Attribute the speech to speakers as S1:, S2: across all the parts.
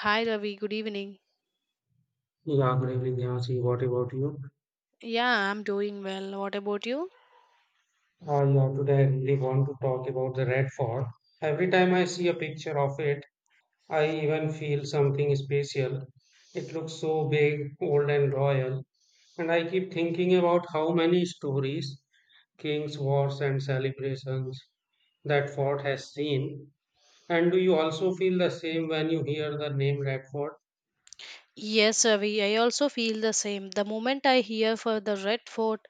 S1: Hi Ravi, good evening.
S2: Yeah, good evening, Yasi. What about you?
S1: Yeah, I'm doing well. What about you?
S2: Yeah, today I really want to talk about the Red Fort. Every time I see a picture of it, I even feel something special. It looks so big, old, and royal, and I keep thinking about how many stories, kings, wars, and celebrations that fort has seen. And do you also feel the same when you hear the name Red Fort?
S1: Yes, Ravi, I also feel the same. The moment I hear for the Red Fort,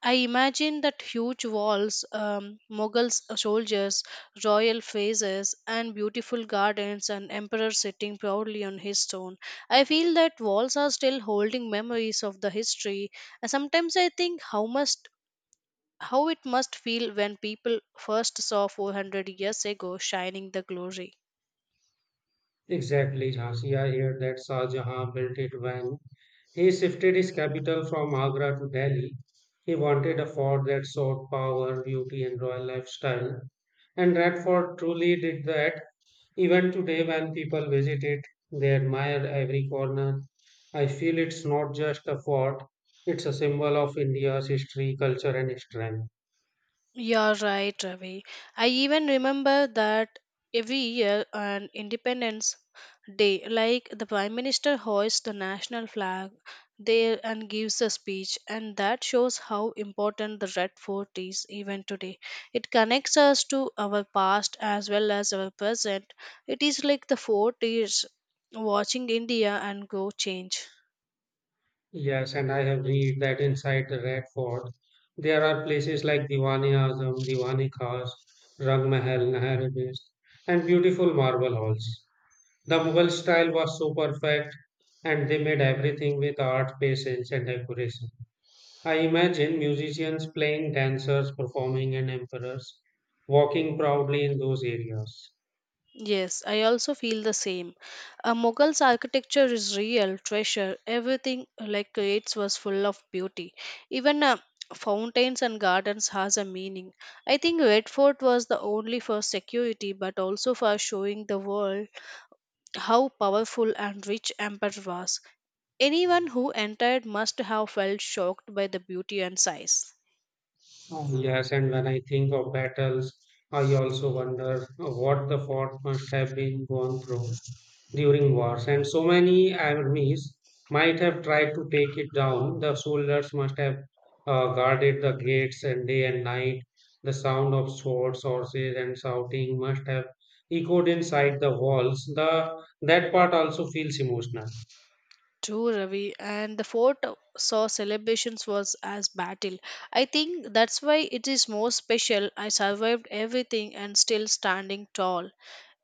S1: I imagine that huge walls, Mughals soldiers, royal faces, and beautiful gardens, and emperor sitting proudly on his throne. I feel that walls are still holding memories of the history, and sometimes I think how must how it must feel when people first saw 400 years ago shining the glory.
S2: Exactly, Jhansi. I hear that Shah Jahan built it when he shifted his capital from Agra to Delhi. He wanted a fort that showed power, beauty, and royal lifestyle. And that fort truly did that. Even today, when people visit it, they admire every corner. I feel it's not just a fort, it's a symbol of India's history, culture, and strength.
S1: You're right, Ravi. I even remember that every year on Independence Day, like the Prime Minister hoists the national flag there and gives a speech, and that shows how important the Red Fort is even today. It connects us to our past as well as our present. It is like the fort is watching India and grow change.
S2: Yes, and I have read that inside the Red Fort there are places like Diwani Azam, Diwani Khas, Rang Mahal, Nahar Best, and beautiful marble halls. The Mughal style was so perfect, and they made everything with art, patience, and decoration. I imagine musicians playing, dancers performing, and emperors walking proudly in those areas.
S1: Yes, I also feel the same. A Mughal's architecture is real treasure. Everything like creates was full of beauty. Even fountains and gardens has a meaning. I think Red Fort was the only for security, but also for showing the world how powerful and rich Amber was. Anyone who entered must have felt shocked by the beauty and size.
S2: Oh, yes, and when I think of battles, I also wonder what the fort must have been gone through during wars, and so many armies might have tried to take it down. The soldiers must have guarded the gates and day and night. The sound of swords, horses, and shouting must have echoed inside the walls. The That part also feels emotional.
S1: True, Ravi, and the fort saw celebrations was as battle. I think that's why it is more special. I survived everything and still standing tall.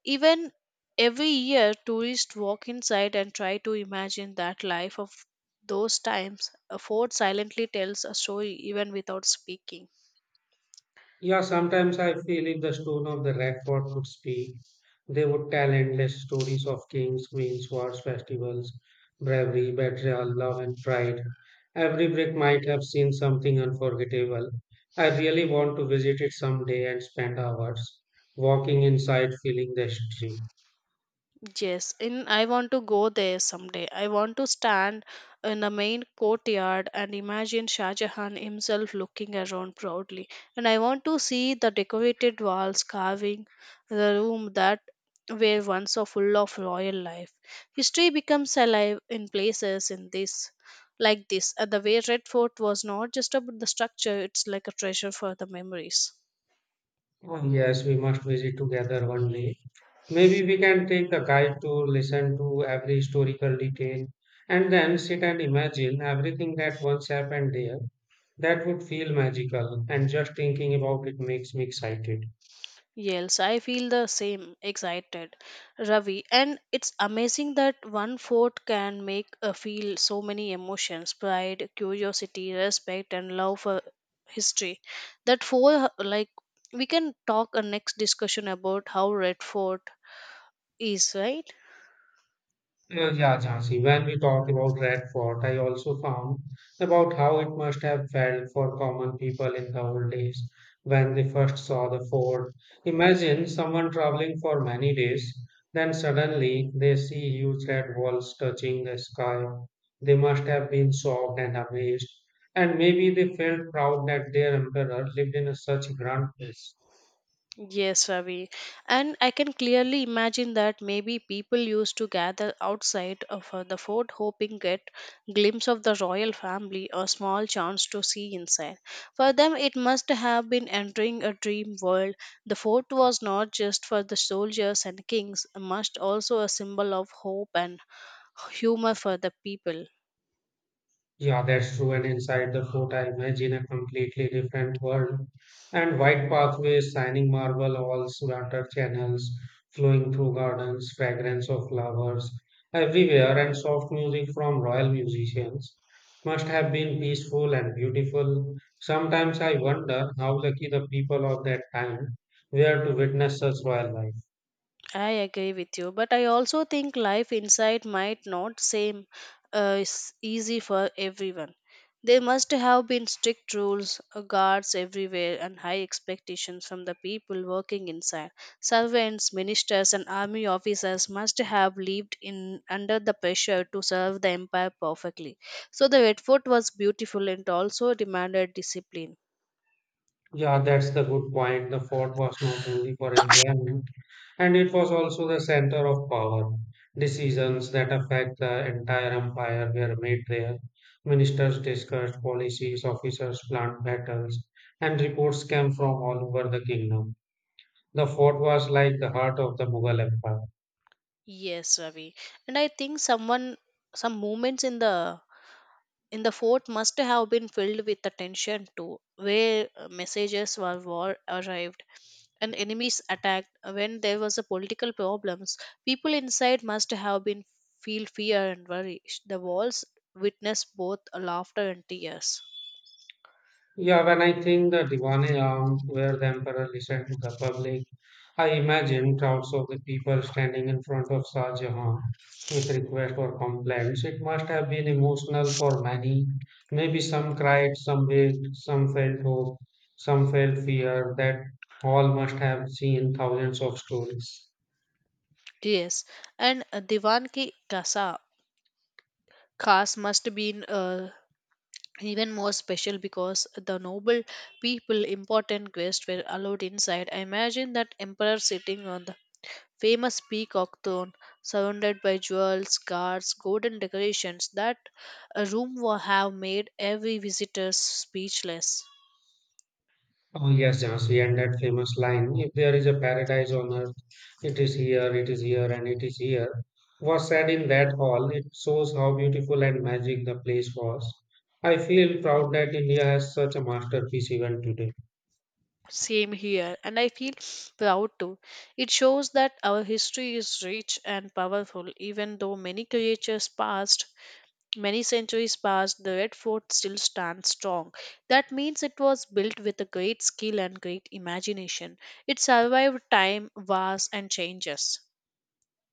S1: Even every year, tourists walk inside and try to imagine that life of those times. A fort silently tells a story even without speaking.
S2: Yeah, sometimes I feel if the stone of the record could speak, they would tell endless stories of kings, queens, wars, festivals, bravery, betrayal, love, and pride. Every brick might have seen something unforgettable. I really want to visit it someday and spend hours walking inside, feeling the history.
S1: Yes, in I want to go there someday. I want to stand in the main courtyard and imagine Shah Jahan himself looking around proudly. And I want to see the decorated walls carving the room that were once so full of royal life. History becomes alive in places in this like this. And the way Red Fort was not just about the structure, it's like a treasure for the memories.
S2: Oh, yes, we must visit together one day. Maybe we can take a guide to listen to every historical detail and then sit and imagine everything that once happened there. That would feel magical, and just thinking about it makes me excited.
S1: Yes, I feel the same, excited, Ravi. And it's amazing that one fort can make a feel so many emotions pride, curiosity, respect, and love for history. That four, like, we can talk a next discussion about how Red Fort is, right?
S2: Yeah, Jhansi, when we talk about Red Fort, I also found about how it must have felt for common people in the old days when they first saw the fort. Imagine someone traveling for many days, then suddenly they see huge red walls touching the sky. They must have been shocked and amazed, and maybe they felt proud that their emperor lived in a such grand place.
S1: Yes, Ravi. And I can clearly imagine that maybe people used to gather outside of the fort hoping get glimpse of the royal family or small chance to see inside. For them it must have been entering a dream world. The fort was not just for the soldiers and kings, must also a symbol of hope and humor for the people.
S2: Yeah, that's true. And inside the fort, I imagine a completely different world. And wide pathways, shining marble halls, water channels flowing through gardens, fragrance of flowers everywhere, and soft music from royal musicians must have been peaceful and beautiful. Sometimes I wonder how lucky the people of that time were to witness such royal life.
S1: I agree with you, but I also think life inside might not seem easy for everyone. There must have been strict rules, guards everywhere, and high expectations from the people working inside. Servants, ministers, and army officers must have lived in under the pressure to serve the empire perfectly. So the Red Fort was beautiful and also demanded discipline.
S2: Yeah, that's the good point. The fort was not only for enjoyment, and it was also the center of power. Decisions that affect the entire empire were made there. Ministers discussed policies, officers planned battles, and reports came from all over the kingdom. The fort was like the heart of the Mughal Empire.
S1: Yes, Ravi, and I think someone some moments in the fort must have been filled with attention too, where messages were war arrived and enemies attacked when there was a political problems people inside must have been feel fear and worry the walls witnessed both laughter and tears.
S2: Yeah, when I think the Diwane Aam, where the emperor listened to the public, I imagine crowds of the people standing in front of Shah Jahan with requests or complaints. It must have been emotional for many. Maybe some cried, some wept, some felt hope, some felt fear. That all must have seen thousands of stories.
S1: Yes, and divan ki kasa khas must been even more special because the noble people important guests were allowed inside. I imagine that emperor sitting on the famous peacock throne, surrounded by jewels, guards, golden decorations, that a room will have made every visitor speechless.
S2: Oh yes, Jansi, and that famous line, if there is a paradise on earth, it is here, and it is here, was said in that hall. It shows how beautiful and magic the place was. I feel proud that India has such a masterpiece even today.
S1: Same here, and I feel proud too. It shows that our history is rich and powerful, even though many creatures passed. Many centuries passed, the Red Fort still stands strong. That means it was built with a great skill and great imagination. It survived time, wars, and changes.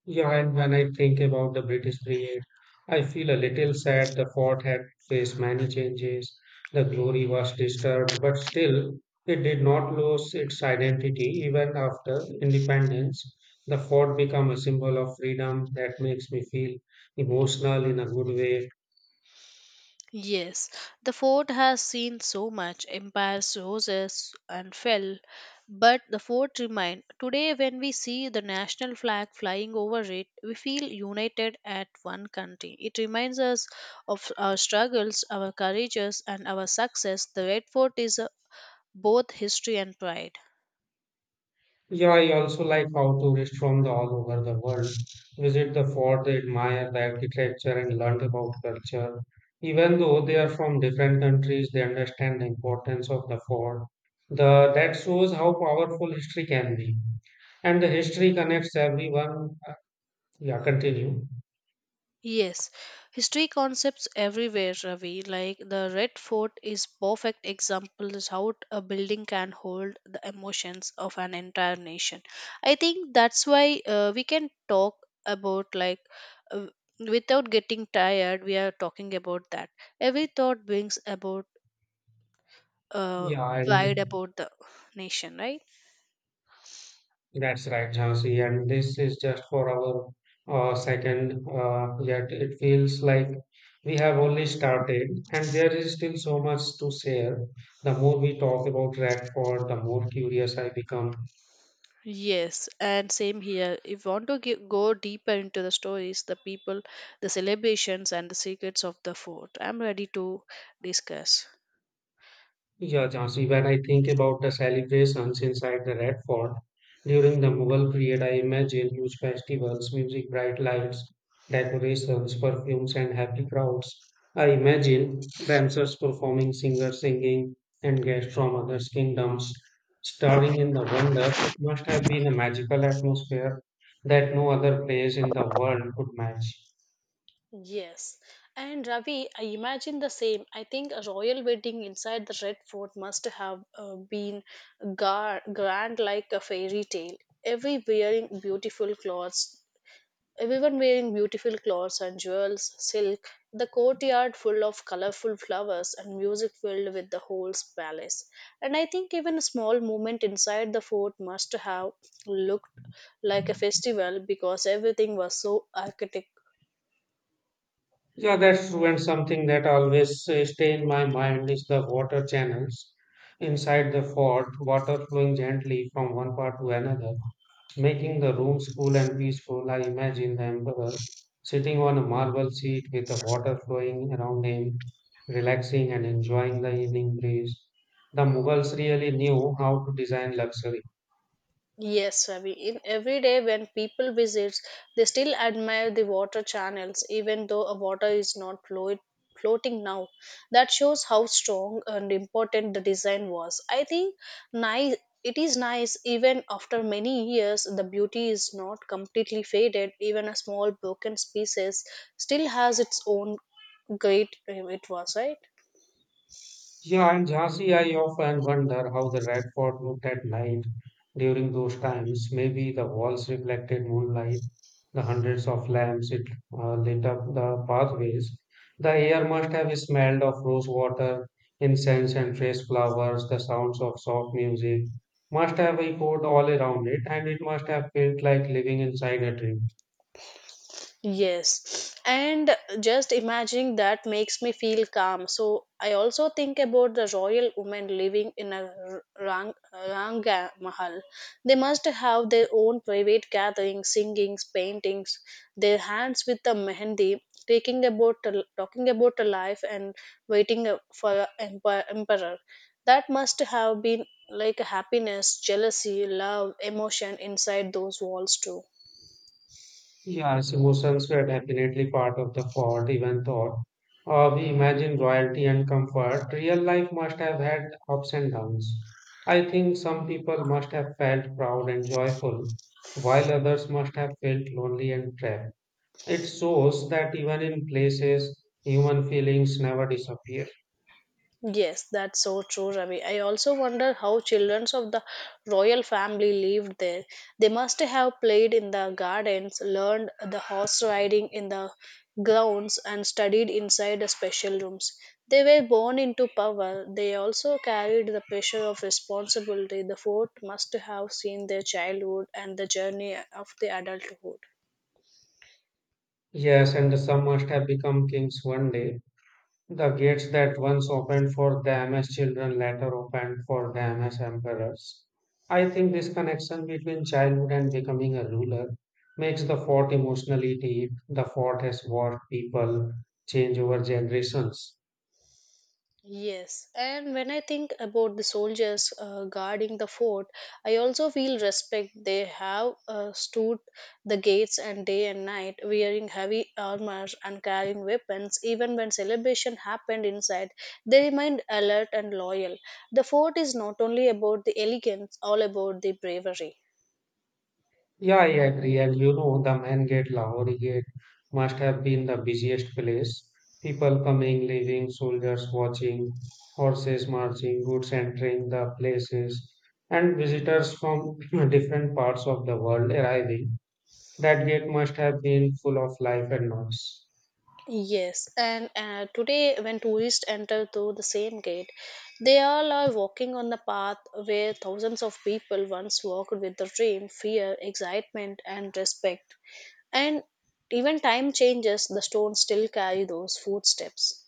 S2: Yeah, and when I think about the British period, I feel a little sad the fort had faced many changes. The glory was disturbed, but still, it did not lose its identity even after independence. The fort became a symbol of freedom that makes me feel emotional in a good way.
S1: Yes, the fort has seen so much empires, roses, and fell, but the fort remained. Today, when we see the national flag flying over it, we feel united at one country. It reminds us of our struggles, our courages, and our success. The Red Fort is both history and pride.
S2: Yeah, I also like how tourists from the all over the world visit the fort, they admire the architecture and learn about culture. Even though they are from different countries, they understand the importance of the fort. The That shows how powerful history can be. And the history connects everyone. Yeah, continue.
S1: Yes, history concepts everywhere, Ravi. Like the Red Fort is perfect example is how a building can hold the emotions of an entire nation. I think that's why we can talk about like uh, without getting tired. We are talking about that. Every thought brings about uh,
S2: Yeah, and
S1: pride about the nation, right?
S2: That's right, Jhansi, and this is just for our second, yet it feels like we have only started, and there is still so much to share. The more we talk about Radford, the more curious I become.
S1: Yes, and same here. If you want to go deeper into the stories, the people, the celebrations, and the secrets of the fort, I'm ready to discuss.
S2: Yeah, Jhansi, when I think about the celebrations inside the Red Fort during the Mughal period, I imagine huge festivals, music, bright lights, decorations, perfumes, and happy crowds. I imagine dancers performing, singers singing, and guests from other kingdoms starring in the wonder. It must have been a magical atmosphere that no other place in the world could match.
S1: Yes. And Ravi, I imagine the same. I think a royal wedding inside the Red Fort must have been grand like a fairy tale. Every wearing beautiful clothes, Everyone wearing beautiful clothes and jewels, silk, the courtyard full of colorful flowers and music filled with the whole palace. And I think even a small movement inside the fort must have looked like a festival because everything was so architect.
S2: Yeah, that's true. And something that always stay in my mind is the water channels inside the fort, water flowing gently from one part to another, making the rooms cool and peaceful. I imagine the emperor sitting on a marble seat with the water flowing around him, relaxing and enjoying the evening breeze. The Mughals really knew how to design luxury.
S1: Yes, Ravi. In every day when people visit, they still admire the water channels, even though a water is not floating now. That shows how strong and important the design was. I think nice. It is nice even after many years. The beauty is not completely faded. Even a small broken species still has its own great. It was right.
S2: Yeah, in Jhansi, I often wonder how the Red Fort looked at night during those times. Maybe the walls reflected moonlight, the hundreds of lamps it lit up the pathways. The air must have smelled of rose water, incense, and fresh flowers. The sounds of soft music must have echoed all around it, and it must have felt like living inside a dream.
S1: Yes, and just imagining that makes me feel calm. So I also think about the royal women living in a ranga mahal. They must have their own private gatherings, singings, paintings, their hands with the mehendi, talking about a life and waiting for a emperor. That must have been like happiness, jealousy, love, emotion inside those walls too.
S2: Yes, emotions were definitely part of the fort, even though we imagine royalty and comfort. Real life must have had ups and downs. I think some people must have felt proud and joyful, while others must have felt lonely and trapped. It shows that even in places, human feelings never disappear.
S1: Yes, that's so true, Ravi. I also wonder how children of the royal family lived there. They must have played in the gardens, learned the horse riding in the grounds, and studied inside the special rooms. They were born into power. They also carried the pressure of responsibility. The fort must have seen their childhood and the journey of the adulthood.
S2: Yes, and some must have become kings one day. The gates that once opened for them as children later opened for them as emperors. I think this connection between childhood and becoming a ruler makes the fort emotionally deep. The fort has watched people change over generations.
S1: Yes, and when I think about the soldiers guarding the fort, I also feel respect. They have stood the gates and day and night, wearing heavy armor and carrying weapons. Even when celebration happened inside, they remained alert and loyal. The fort is not only about the elegance, all about the bravery.
S2: Yeah, I agree. And you know, the main gate, Lahori Gate, must have been the busiest place. People coming, leaving, soldiers watching, horses marching, goods entering the places, and visitors from different parts of the world arriving. That gate must have been full of life and noise.
S1: Yes, and today when tourists enter through the same gate, they all are walking on the path where thousands of people once walked with the dream, fear, excitement, and respect. And even time changes, the stones still carry those footsteps.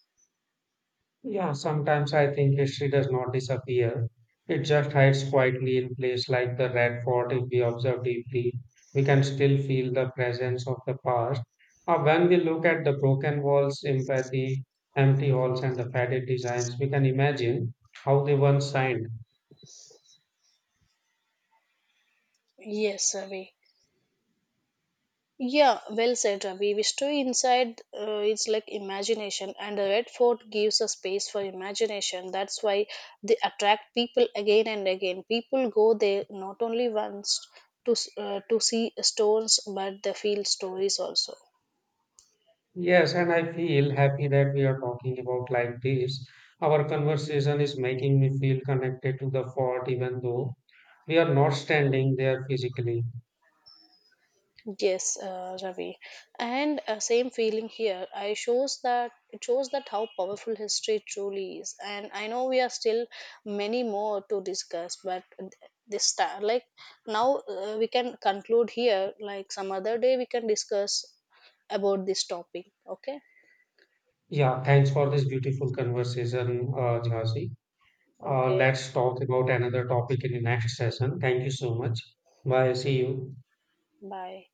S2: Yeah, sometimes I think history does not disappear. It just hides quietly in place like the red fort. If we observe deeply, we can still feel the presence of the past. When we look at the broken walls, empathy, empty halls, and the faded designs, we can imagine how they once shined.
S1: Yes, Ravi. Yeah, well said, Ravi. We stay inside, it's like imagination, and the Red Fort gives a space for imagination. That's why they attract people again and again. People go there not only once to see stones, but they feel stories also.
S2: Yes, and I feel happy that we are talking about like this. Our conversation is making me feel connected to the fort, even though we are not standing there physically.
S1: Yes, Ravi, and same feeling here. I shows that It shows that how powerful history truly is, and I know we are still many more to discuss, but this time, like now, we can conclude here. Like some other day, we can discuss about this topic. Okay,
S2: Yeah, thanks for this beautiful conversation, Jhansi.
S1: okay,
S2: Let's talk about another topic in the next session. Thank you so much. Bye. See you.
S1: bye.